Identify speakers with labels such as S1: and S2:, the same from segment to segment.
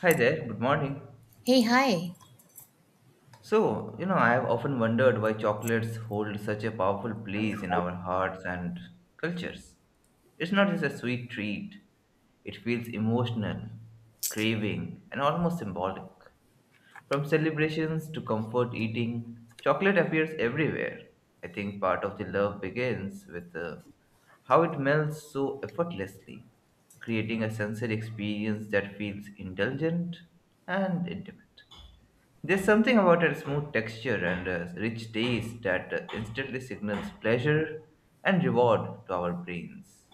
S1: Hi there, good morning.
S2: Hey, hi.
S1: So, you know, I have often wondered why chocolates hold such a powerful place in our hearts and cultures. It's not just a sweet treat, it feels emotional, craving, and almost symbolic. From celebrations to comfort eating, chocolate appears everywhere. I think part of the love begins with how it melts so effortlessly, creating a sensory experience that feels indulgent and intimate. There's something about its smooth texture and rich taste that instantly signals pleasure and reward to our brains.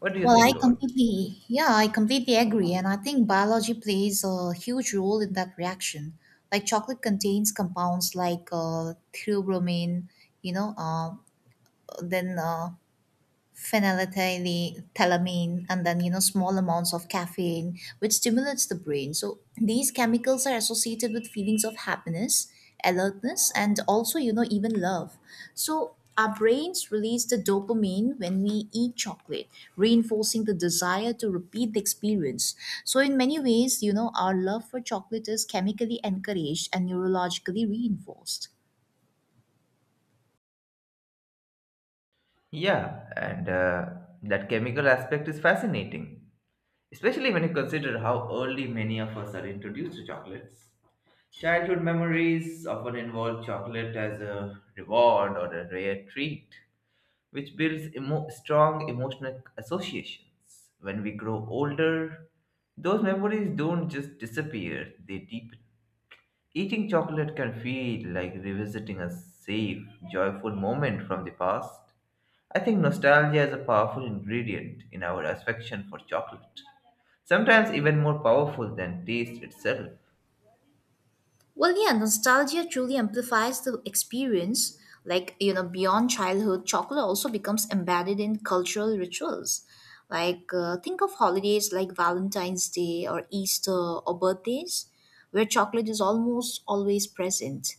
S1: What do you
S2: Well,
S1: think
S2: I
S1: about it?
S2: completely, yeah, I completely agree. And I think biology plays a huge role in that reaction. Like chocolate contains compounds like theobromine, you know, uh, then phenylethylamine, and then small amounts of caffeine which stimulates the brain. So these chemicals are associated with feelings of happiness, alertness, and also, even love. So our brains release the dopamine when we eat chocolate, reinforcing the desire to repeat the experience. So in many ways, our love for chocolate is chemically encouraged and neurologically reinforced.
S1: Yeah, and that chemical aspect is fascinating, especially when you consider how early many of us are introduced to chocolates. Childhood memories often involve chocolate as a reward or a rare treat, which builds strong emotional associations. When we grow older, those memories don't just disappear, they deepen. Eating chocolate can feel like revisiting a safe, joyful moment from the past. I think nostalgia is a powerful ingredient in our affection for chocolate, sometimes even more powerful than taste itself.
S2: Well, yeah, nostalgia truly amplifies the experience. Beyond childhood, chocolate also becomes embedded in cultural rituals. Think of holidays like Valentine's Day or Easter or birthdays, where chocolate is almost always present,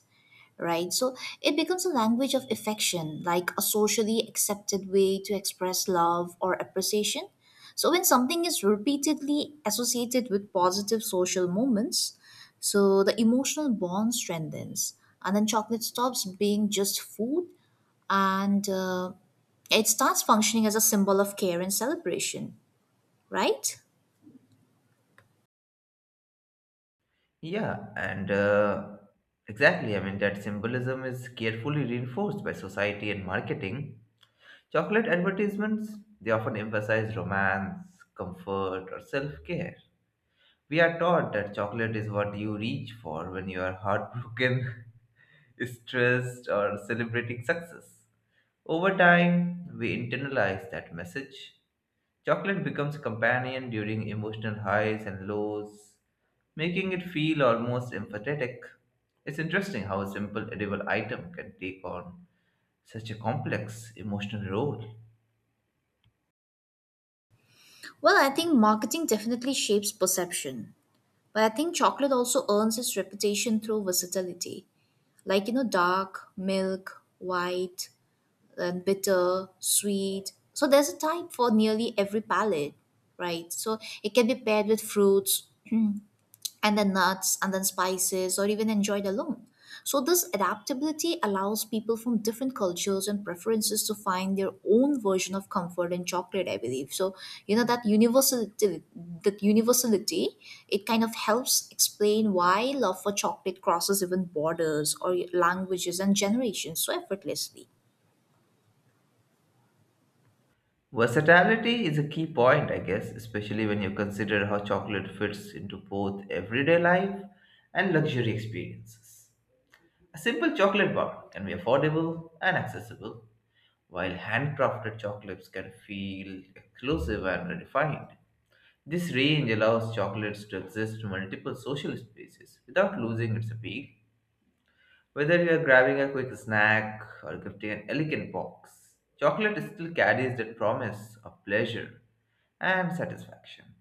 S2: right? So it becomes a language of affection, like a socially accepted way to express love or appreciation. So when something is repeatedly associated with positive social moments, so the emotional bond strengthens, and then chocolate stops being just food, and it starts functioning as a symbol of care and celebration, right?
S1: Yeah, and exactly, I mean, that symbolism is carefully reinforced by society and marketing. Chocolate advertisements, they often emphasize romance, comfort, or self care. We are taught that chocolate is what you reach for when you are heartbroken, stressed, or celebrating success. Over time, we internalize that message. Chocolate becomes a companion during emotional highs and lows, making it feel almost empathetic. It's interesting how a simple edible item can take on such a complex emotional role.
S2: Well, I think marketing definitely shapes perception. But I think chocolate also earns its reputation through versatility. Like, dark, milk, white, and bitter, sweet. So there's a type for nearly every palate, right? So it can be paired with fruits and then nuts and then spices or even enjoyed alone. So this adaptability allows people from different cultures and preferences to find their own version of comfort in chocolate, I believe. So, that universality, that universality, it kind of helps explain why love for chocolate crosses even borders or languages and generations so effortlessly.
S1: Versatility is a key point, I guess, especially when you consider how chocolate fits into both everyday life and luxury experiences. A simple chocolate bar can be affordable and accessible, while handcrafted chocolates can feel exclusive and refined. This range allows chocolates to exist in multiple social spaces without losing its appeal. Whether you are grabbing a quick snack or gifting an elegant box, chocolate still carries that promise of pleasure and satisfaction.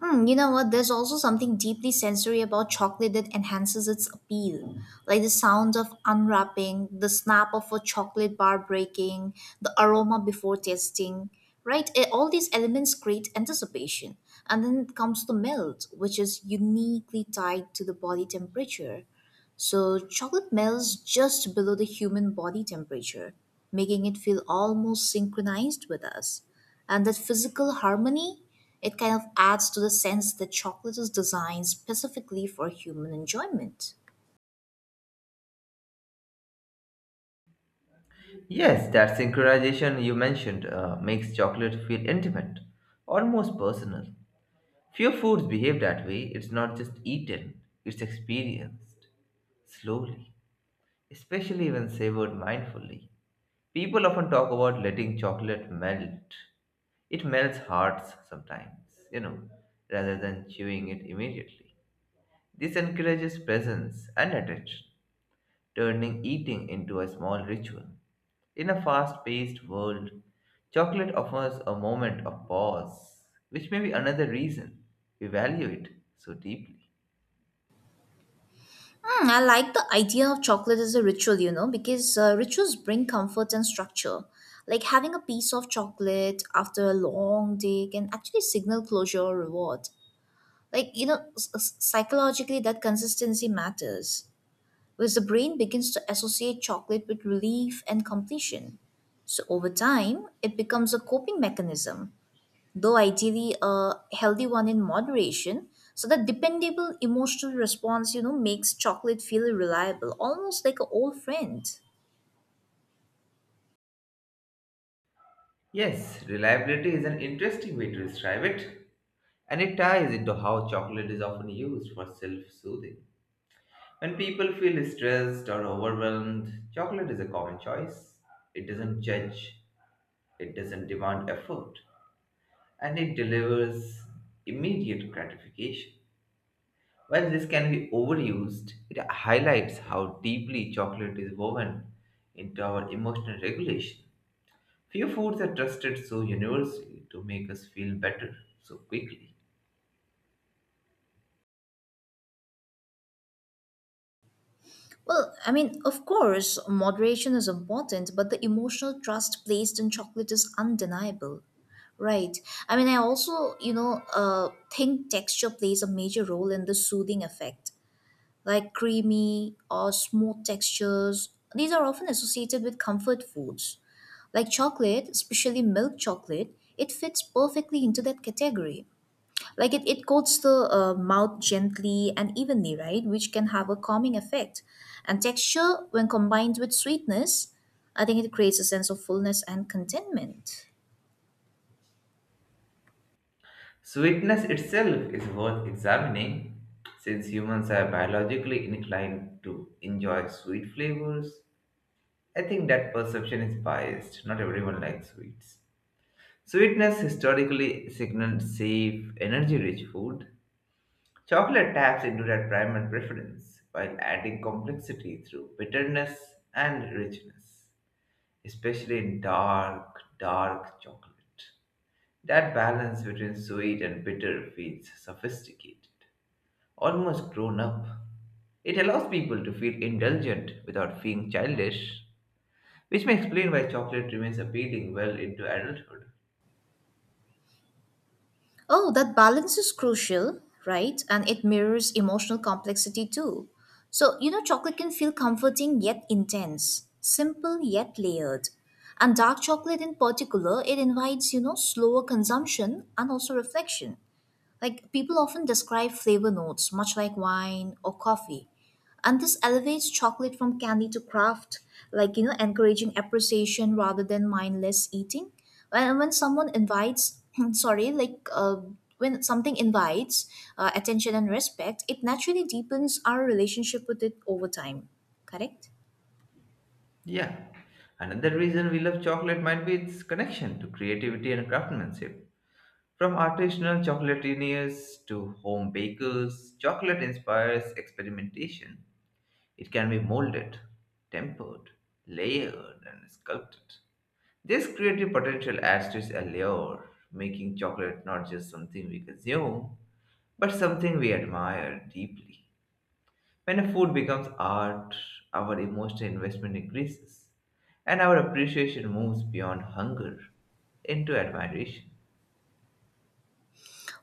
S2: Hmm, you know what? There's also something deeply sensory about chocolate that enhances its appeal. Like the sound of unwrapping, the snap of a chocolate bar breaking, the aroma before tasting, right? All these elements create anticipation. And then comes the melt, which is uniquely tied to the body temperature. So chocolate melts just below the human body temperature, making it feel almost synchronized with us. And that physical harmony, it kind of adds to the sense that chocolate is designed specifically for human enjoyment.
S1: Yes, that synchronization you mentioned makes chocolate feel intimate, almost personal. Few foods behave that way. It's not just eaten, it's experienced slowly, especially when savored mindfully. People often talk about letting chocolate melt. It melts hearts sometimes, you know, rather than chewing it immediately. This encourages presence and attention, turning eating into a small ritual. In a fast paced world, chocolate offers a moment of pause, which may be another reason we value it so deeply.
S2: Hmm, I like the idea of chocolate as a ritual, because rituals bring comfort and structure. Like having a piece of chocolate after a long day can actually signal closure or reward. Like, psychologically, that consistency matters, because the brain begins to associate chocolate with relief and completion. So over time, it becomes a coping mechanism, though ideally a healthy one in moderation. So that dependable emotional response, makes chocolate feel reliable, almost like an old friend.
S1: Yes, reliability is an interesting way to describe it, and it ties into how chocolate is often used for self soothing. When people feel stressed or overwhelmed, chocolate is a common choice. It doesn't judge, it doesn't demand effort, and it delivers immediate gratification. While this can be overused, it highlights how deeply chocolate is woven into our emotional regulation. Few foods are trusted so universally to make us feel better so quickly.
S2: Well, I mean, of course, moderation is important, but the emotional trust placed in chocolate is undeniable. Right. I mean, I also, think texture plays a major role in the soothing effect. Like creamy or smooth textures. These are often associated with comfort foods. Like chocolate, especially milk chocolate, it fits perfectly into that category. Like it coats the mouth gently and evenly, right? Which can have a calming effect. And texture, when combined with sweetness, I think it creates a sense of fullness and contentment.
S1: Sweetness itself is worth examining since humans are biologically inclined to enjoy sweet flavors. I think that perception is biased. Not everyone likes sweets. Sweetness historically signaled safe, energy rich food. Chocolate taps into that primal preference while adding complexity through bitterness and richness, especially in dark chocolate. That balance between sweet and bitter feels sophisticated, almost grown up. It allows people to feel indulgent without feeling childish, which may explain why chocolate remains appealing well into adulthood.
S2: Oh, that balance is crucial, right? And it mirrors emotional complexity too. So, chocolate can feel comforting yet intense, simple yet layered. And dark chocolate in particular, it invites, slower consumption and also reflection. Like people often describe flavor notes, much like wine or coffee. And this elevates chocolate from candy to craft, like, encouraging appreciation rather than mindless eating. When someone invites, sorry, when something invites attention and respect, it naturally deepens our relationship with it over time. Correct?
S1: Yeah, another reason we love chocolate might be its connection to creativity and craftsmanship. From artisanal chocolatiers to home bakers, chocolate inspires experimentation. It can be molded, tempered, layered, and sculpted. This creative potential adds to its allure, making chocolate not just something we consume, but something we admire deeply. When a food becomes art, our emotional investment increases, and our appreciation moves beyond hunger into admiration.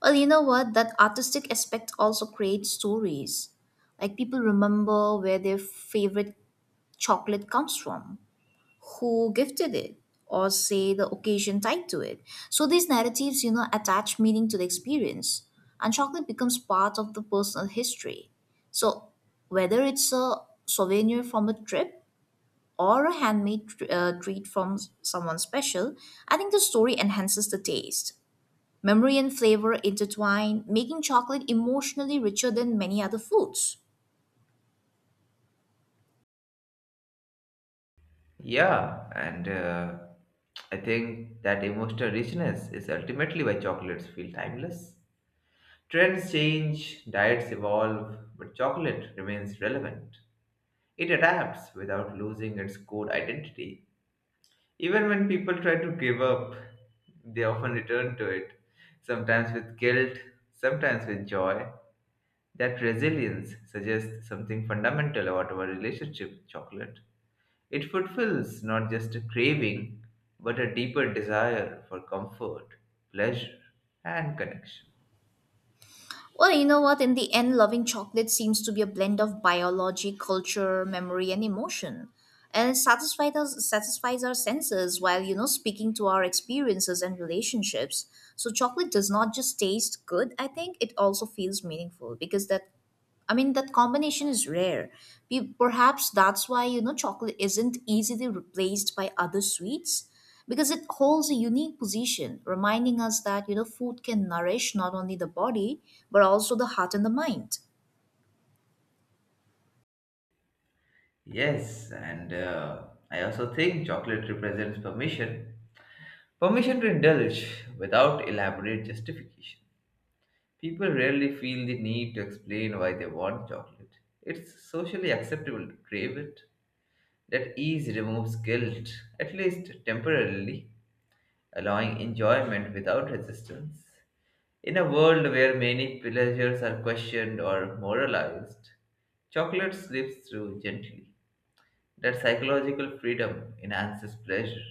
S2: Well, you know what? That artistic aspect also creates stories. Like people remember where their favorite chocolate comes from, who gifted it, or say the occasion tied to it. So these narratives, attach meaning to the experience, and chocolate becomes part of the personal history. So whether it's a souvenir from a trip or a handmade treat from someone special, I think the story enhances the taste. Memory and flavor intertwine, making chocolate emotionally richer than many other foods.
S1: Yeah, and I think that emotional richness is ultimately why chocolates feel timeless. Trends change, diets evolve, but chocolate remains relevant. It adapts without losing its core identity. Even when people try to give up, they often return to it, sometimes with guilt, sometimes with joy. That resilience suggests something fundamental about our relationship with chocolate. It fulfills not just a craving, but a deeper desire for comfort, pleasure, and connection.
S2: Well, you know what? In the end, loving chocolate seems to be a blend of biology, culture, memory, and emotion. And it satisfies our senses while, speaking to our experiences and relationships. So chocolate does not just taste good, I think it also feels meaningful, because that combination is rare. Perhaps that's why, chocolate isn't easily replaced by other sweets, because it holds a unique position, reminding us that, food can nourish not only the body, but also the heart and the mind.
S1: Yes, and I also think chocolate represents permission. Permission to indulge without elaborate justification. People rarely feel the need to explain why they want chocolate. It's socially acceptable to crave it. That ease removes guilt, at least temporarily, allowing enjoyment without resistance. In a world where many pleasures are questioned or moralized, chocolate slips through gently. That psychological freedom enhances pleasure,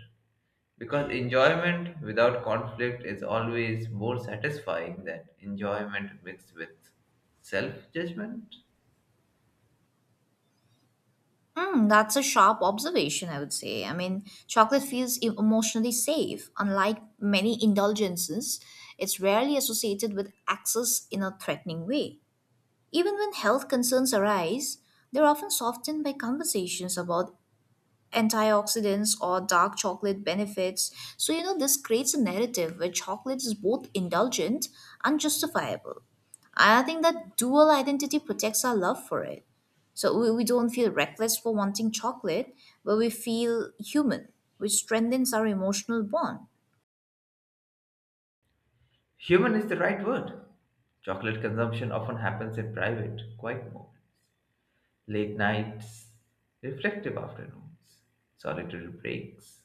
S1: because enjoyment without conflict is always more satisfying than enjoyment mixed with self judgment.
S2: Mm, that's a sharp observation, I would say. I mean, chocolate feels emotionally safe. Unlike many indulgences, it's rarely associated with access in a threatening way. Even when health concerns arise, they're often softened by conversations about antioxidants or dark chocolate benefits. So, this creates a narrative where chocolate is both indulgent and justifiable. I think that dual identity protects our love for it. So we don't feel reckless for wanting chocolate, but we feel human, which strengthens our emotional bond.
S1: Human is the right word. Chocolate consumption often happens in private, quiet moments, late nights, reflective afternoons, solitary breaks.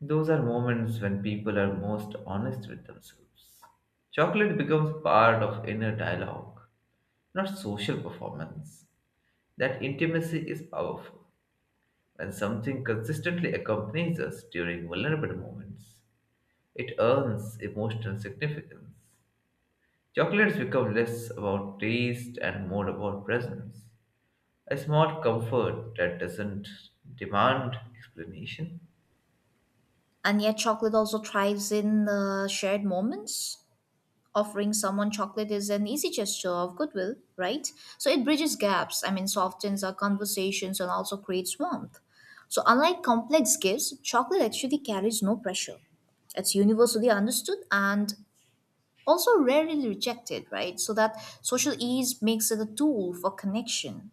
S1: Those are moments when people are most honest with themselves. Chocolate becomes part of inner dialogue, not social performance. That intimacy is powerful. When something consistently accompanies us during vulnerable moments, it earns emotional significance. Chocolates become less about taste and more about presence. A small comfort that doesn't demand explanation.
S2: And yet, chocolate also thrives in shared moments. Offering someone chocolate is an easy gesture of goodwill, right? So it bridges gaps, I mean, softens our conversations and also creates warmth. So unlike complex gifts, chocolate actually carries no pressure. It's universally understood and also rarely rejected, right? So that social ease makes it a tool for connection.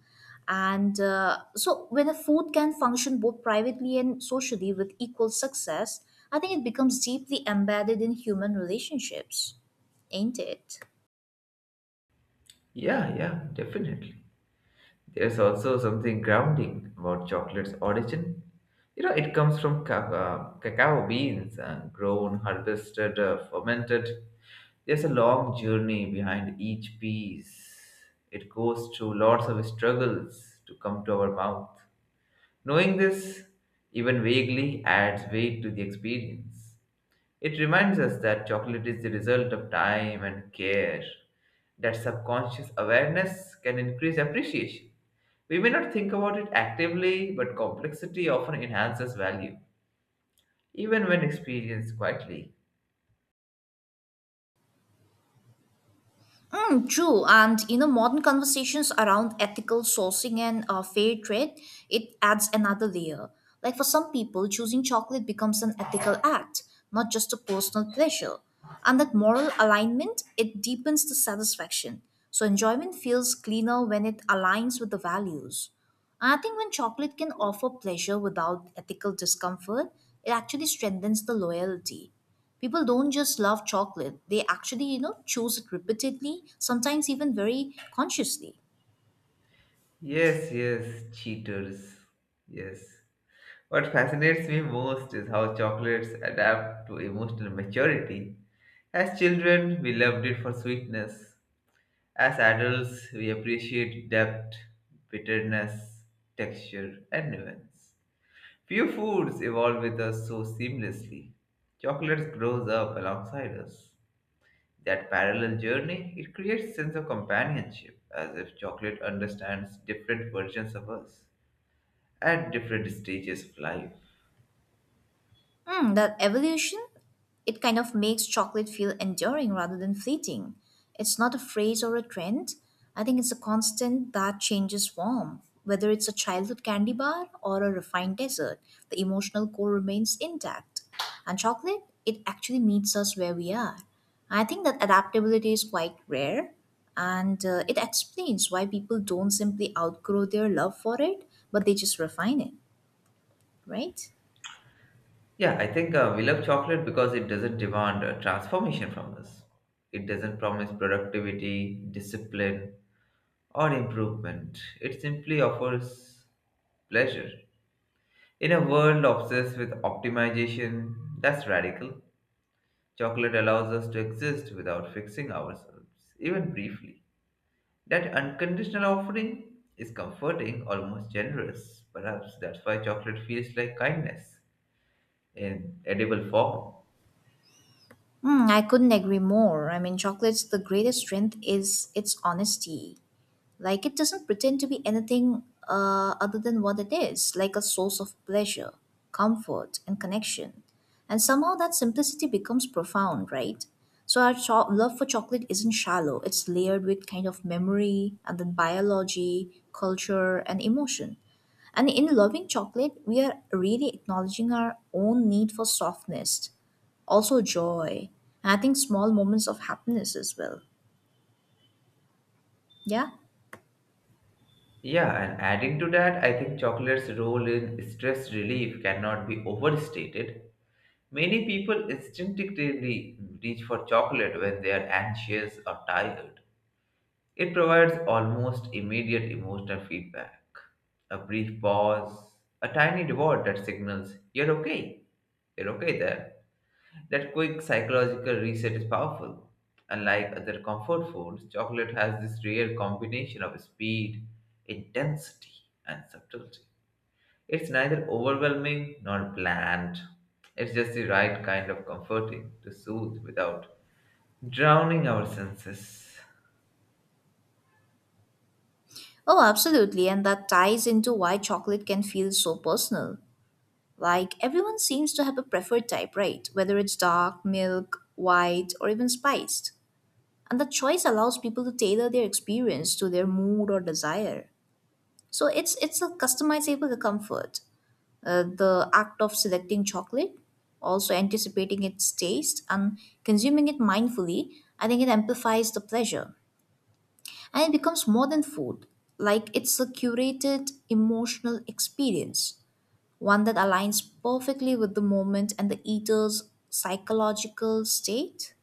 S2: And so, when a food can function both privately and socially with equal success, I think it becomes deeply embedded in human relationships, ain't it?
S1: Yeah, yeah, definitely. There's also something grounding about chocolate's origin. You know, it comes from cacao beans, grown, harvested, fermented. There's a long journey behind each piece. It goes through lots of struggles to come to our mouth. Knowing this, even vaguely, adds weight to the experience. It reminds us that chocolate is the result of time and care, that subconscious awareness can increase appreciation. We may not think about it actively, but complexity often enhances value, even when experienced quietly.
S2: Mm, true, and modern conversations around ethical sourcing and fair trade, it adds another layer. Like for some people, choosing chocolate becomes an ethical act, not just a personal pleasure. And that moral alignment, it deepens the satisfaction. So enjoyment feels cleaner when it aligns with the values. And I think when chocolate can offer pleasure without ethical discomfort, it actually strengthens the loyalty. People don't just love chocolate, they actually, choose it repeatedly, sometimes even very consciously.
S1: Yes, yes, cheaters. Yes. What fascinates me most is how chocolates adapt to emotional maturity. As children, we loved it for sweetness. As adults, we appreciate depth, bitterness, texture, and nuance. Few foods evolve with us so seamlessly. Chocolate grows up alongside us. That parallel journey, it creates sense of companionship, as if chocolate understands different versions of us at different stages of life.
S2: Mm, that evolution, it kind of makes chocolate feel enduring rather than fleeting. It's not a phrase or a trend. I think it's a constant that changes form. Whether it's a childhood candy bar or a refined dessert, the emotional core remains intact. And chocolate, it actually meets us where we are. I think that adaptability is quite rare, and it explains why people don't simply outgrow their love for it, but they just refine it, right?
S1: Yeah, I think we love chocolate because it doesn't demand a transformation from us. It doesn't promise productivity, discipline, or improvement. It simply offers pleasure. In a world obsessed with optimization, that's radical. Chocolate allows us to exist without fixing ourselves, even briefly. That unconditional offering is comforting, almost generous. Perhaps that's why chocolate feels like kindness in edible form.
S2: Mm, I couldn't agree more. I mean, chocolate's the greatest strength is its honesty. Like, it doesn't pretend to be anything other than what it is, like a source of pleasure, comfort, and connection. And somehow that simplicity becomes profound, right? So our love for chocolate isn't shallow, it's layered with kind of memory, and then biology, culture, and emotion. And in loving chocolate, we are really acknowledging our own need for softness, also joy, and I think small moments of happiness as well. Yeah.
S1: Yeah, and adding to that, I think chocolate's role in stress relief cannot be overstated. Many people instinctively reach for chocolate when they are anxious or tired. It provides almost immediate emotional feedback. A brief pause, a tiny reward that signals, you're okay there. That quick psychological reset is powerful. Unlike other comfort foods, chocolate has this rare combination of speed, intensity, and subtlety. It's neither overwhelming nor bland. It's just the right kind of comforting to soothe without drowning our senses.
S2: Oh, absolutely. And that ties into why chocolate can feel so personal. Like everyone seems to have a preferred type, right? Whether it's dark, milk, white, or even spiced. And the choice allows people to tailor their experience to their mood or desire. So it's a customizable comfort. The act of selecting chocolate, also anticipating its taste and consuming it mindfully, I think it amplifies the pleasure, and it becomes more than food. Like it's a curated emotional experience, one that aligns perfectly with the moment and the eater's psychological state.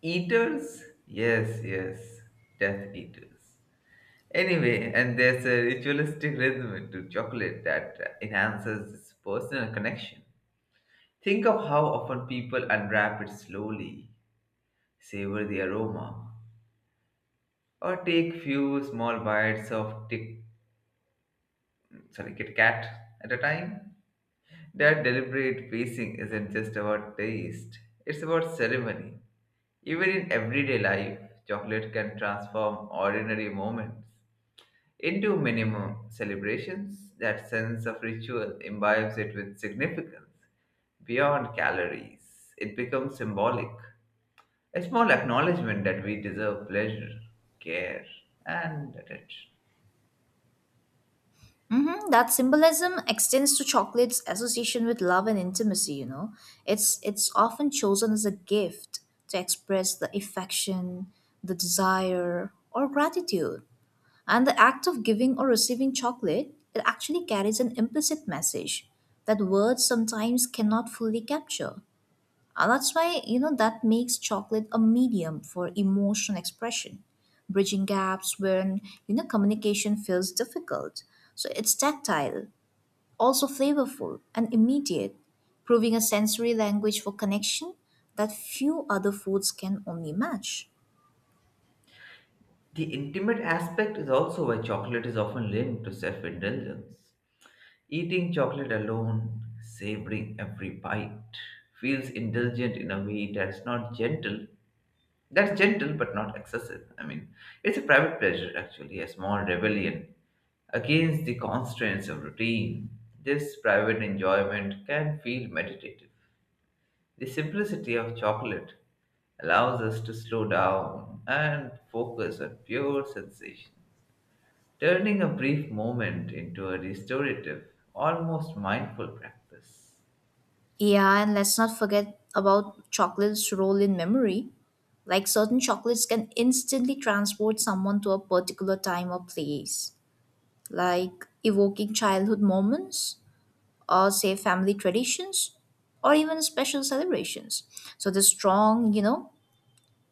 S1: Eaters? Yes, yes, death eaters. Anyway, and there's a ritualistic rhythm to chocolate that enhances its personal connection. Think of how often people unwrap it slowly, savor the aroma, or take few small bites of tick, sorry, Kit Kat at a time. That deliberate pacing isn't just about taste, it's about ceremony. Even in everyday life, chocolate can transform ordinary moments into minimum celebrations. That sense of ritual imbibes it with significance beyond calories. It becomes symbolic, a small acknowledgement that we deserve pleasure, care, and attention.
S2: Hmm. That symbolism extends to chocolate's association with love and intimacy. It's often chosen as a gift to express the affection, the desire, or gratitude. And the act of giving or receiving chocolate, it actually carries an implicit message that words sometimes cannot fully capture. And that's why, that makes chocolate a medium for emotion expression, bridging gaps when, communication feels difficult. So it's tactile, also flavorful and immediate, proving a sensory language for connection that few other foods can only match.
S1: The intimate aspect is also why chocolate is often linked to self indulgence. Eating chocolate alone, savoring every bite, feels indulgent in a way that's not gentle. That's gentle but not excessive. I mean, it's a private pleasure actually, a small rebellion against the constraints of routine. This private enjoyment can feel meditative. The simplicity of chocolate allows us to slow down and focus on pure sensation, turning a brief moment into a restorative, almost mindful practice.
S2: Yeah, and let's not forget about chocolate's role in memory. Like certain chocolates can instantly transport someone to a particular time or place, like evoking childhood moments, or say family traditions, or even special celebrations. So the strong,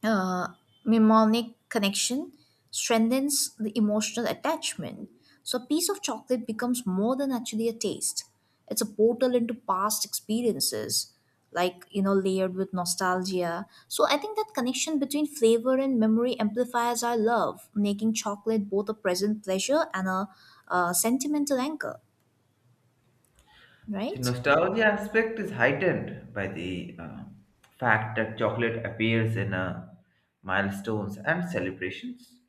S2: uh, mnemonic connection strengthens the emotional attachment. So a piece of chocolate becomes more than actually a taste. It's a portal into past experiences, like, layered with nostalgia. So, I think that connection between flavor and memory amplifies our love, making chocolate both a present pleasure and a sentimental anchor,
S1: The
S2: right?
S1: nostalgia aspect is heightened by the fact that chocolate appears in milestones and celebrations,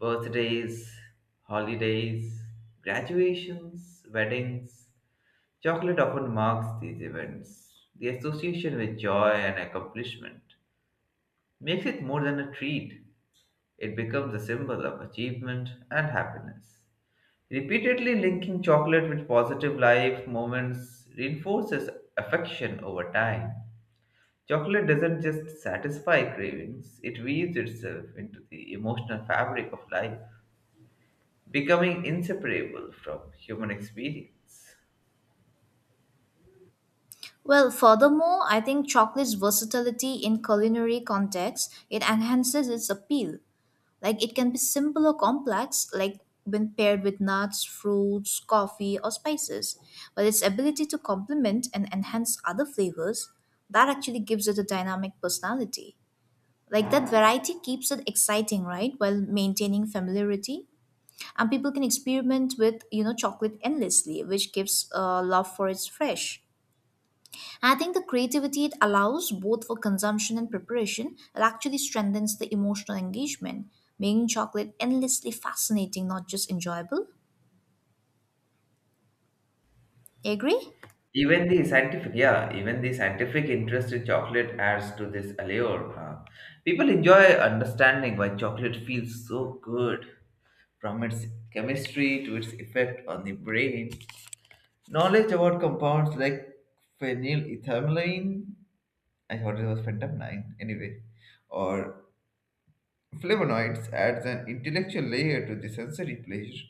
S1: birthdays, holidays, graduations, weddings. Chocolate often marks these events. The association with joy and accomplishment makes it more than a treat, it becomes a symbol of achievement and happiness. Repeatedly linking chocolate with positive life moments reinforces affection over time. Chocolate doesn't just satisfy cravings, it weaves itself into the emotional fabric of life, becoming inseparable from human experience.
S2: Well, furthermore, I think chocolate's versatility in culinary contexts, it enhances its appeal. Like it can be simple or complex, like when paired with nuts, fruits, coffee, or spices. But its ability to complement and enhance other flavors, that actually gives it a dynamic personality. Like that variety keeps it exciting, right? While maintaining familiarity. And people can experiment with, you know, chocolate endlessly, which gives love for its fresh. I think the creativity it allows, both for consumption and preparation, it actually strengthens the emotional engagement, making chocolate endlessly fascinating, not just enjoyable. Agree?
S1: Yeah, even the scientific interest in chocolate adds to this allure. Huh? People enjoy understanding why chocolate feels so good, from its chemistry to its effect on the brain. Knowledge about compounds like phenylethylamine, I thought it was phentamine anyway, or flavonoids adds an intellectual layer to the sensory pleasure.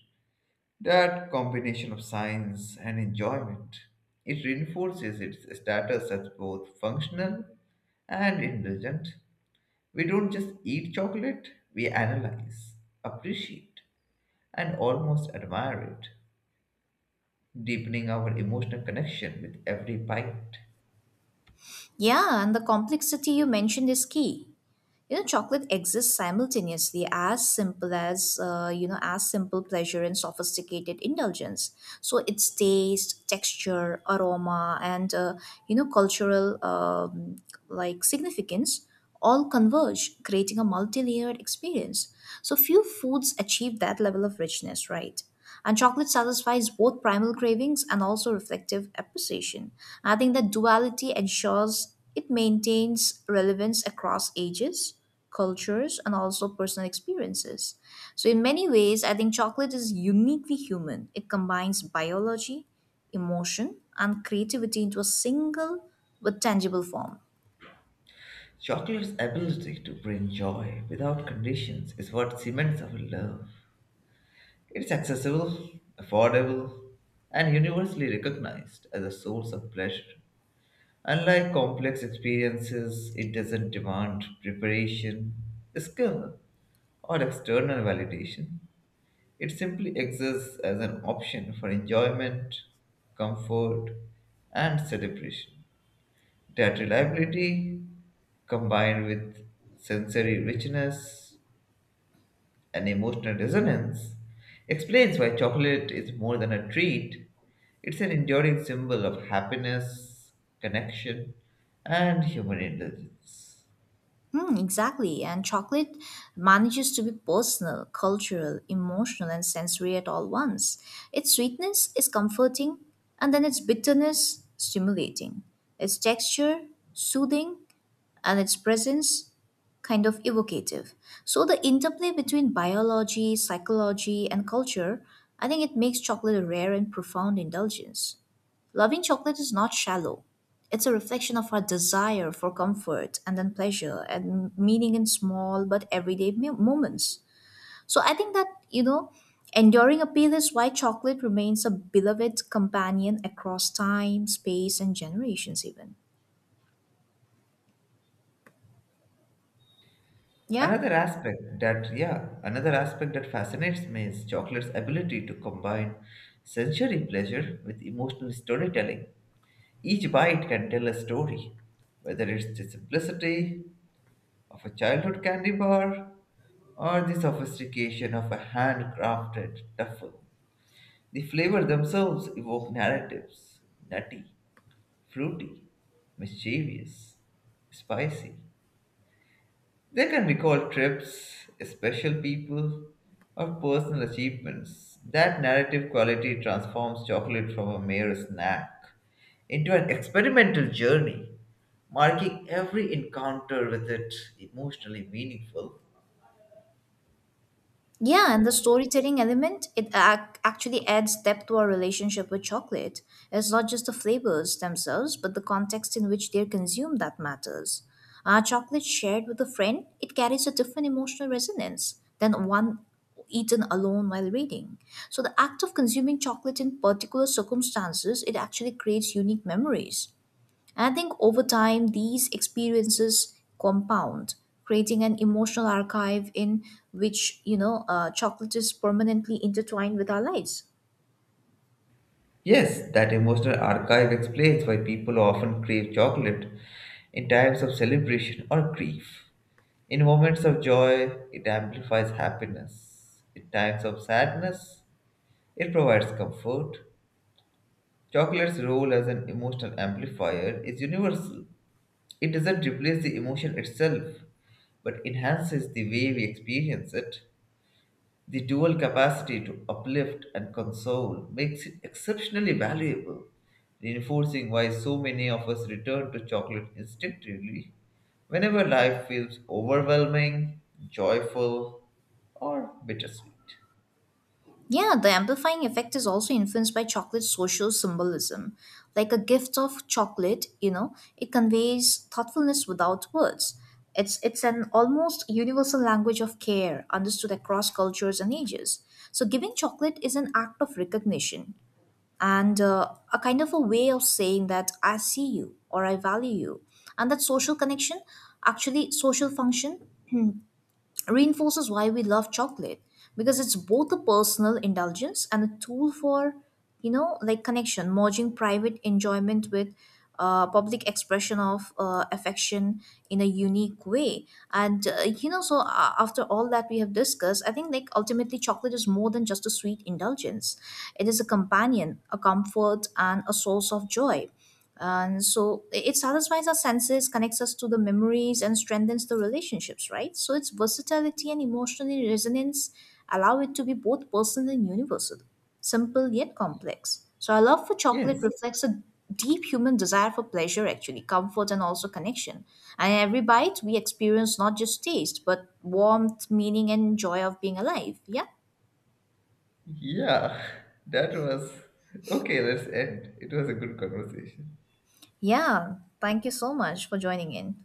S1: That combination of science and enjoyment, it reinforces its status as both functional and indulgent. We don't just eat chocolate, we analyze, appreciate, and almost admire it, deepening our emotional connection with every bite.
S2: Yeah, and the complexity you mentioned is key. You know, chocolate exists simultaneously as simple as you know, as simple pleasure and sophisticated indulgence. So its taste, texture, aroma, and you know, cultural like, significance all converge, creating a multi-layered experience. So few foods achieve that level of richness, right? And chocolate satisfies both primal cravings and also reflective appreciation. I think that duality ensures it maintains relevance across ages, cultures, and also personal experiences. So, in many ways, I think chocolate is uniquely human. It combines biology, emotion, and creativity into a single but tangible form.
S1: Chocolate's ability to bring joy without conditions is what cements our love. It's accessible, affordable, and universally recognized as a source of pleasure. Unlike complex experiences, it doesn't demand preparation, skill, or external validation. It simply exists as an option for enjoyment, comfort, and celebration. That reliability, combined with sensory richness and emotional resonance, explains why chocolate is more than a treat. It's an enduring symbol of happiness, connection, and human indulgence.
S2: Hmm, exactly. And chocolate manages to be personal, cultural, emotional, and sensory at all once. Its sweetness is comforting, and then its bitterness, stimulating. Its texture, soothing, and its presence, kind of evocative. So, the interplay between biology, psychology, and culture, I think it makes chocolate a rare and profound indulgence. Loving chocolate is not shallow. It's a reflection of our desire for comfort and then pleasure and meaning in small but everyday moments. So I think that, you know, enduring appeal is why chocolate remains a beloved companion across time, space, and generations, even. Yeah?
S1: Yeah, another aspect that fascinates me is chocolate's ability to combine sensory pleasure with emotional storytelling. Each bite can tell a story, whether it's the simplicity of a childhood candy bar or the sophistication of a handcrafted duffel. The flavors themselves evoke narratives, nutty, fruity, mischievous, spicy. They can recall trips, special people, or personal achievements. That narrative quality transforms chocolate from a mere snack into an experimental journey, marking every encounter with it emotionally meaningful.
S2: Yeah, and the storytelling element, actually adds depth to our relationship with chocolate. It's not just the flavors themselves, but the context in which they're consumed that matters. Our chocolate shared with a friend, it carries a different emotional resonance than one eaten alone while reading. So the act of consuming chocolate in particular circumstances, it actually creates unique memories. And I think over time, these experiences compound, creating an emotional archive in which, you know, chocolate is permanently intertwined with our lives.
S1: Yes, that emotional archive explains why people often crave chocolate in times of celebration or grief. In moments of joy, it amplifies happiness. In times of sadness, it provides comfort. Chocolate's role as an emotional amplifier is universal. It doesn't replace the emotion itself, but enhances the way we experience it. The dual capacity to uplift and console makes it exceptionally valuable, reinforcing why so many of us return to chocolate instinctively whenever life feels overwhelming, joyful, or bittersweet.
S2: Yeah, the amplifying effect is also influenced by chocolate's social symbolism. Like a gift of chocolate, you know, it conveys thoughtfulness without words. It's an almost universal language of care, understood across cultures and ages. So, giving chocolate is an act of recognition, and a kind of a way of saying that I see you or I value you. And that social connection, actually, social function reinforces why we love chocolate, because it's both a personal indulgence and a tool for, you know, like, connection, merging private enjoyment with public expression of affection in a unique way. And you know, so after all that we have discussed, I think, like, ultimately chocolate is more than just a sweet indulgence. It is a companion, a comfort, and a source of joy. And so it satisfies our senses, connects us to the memories, and strengthens the relationships, right? So its versatility and emotional resonance allow it to be both personal and universal, simple yet complex. So our love for chocolate
S1: Yes,
S2: reflects a deep human desire for pleasure, actually, comfort, and also connection. And in every bite we experience not just taste, but warmth, meaning, and joy of being alive. Yeah.
S1: yeah, that was okay. Let's end. It was a good conversation.
S2: Yeah, thank you so much for joining in.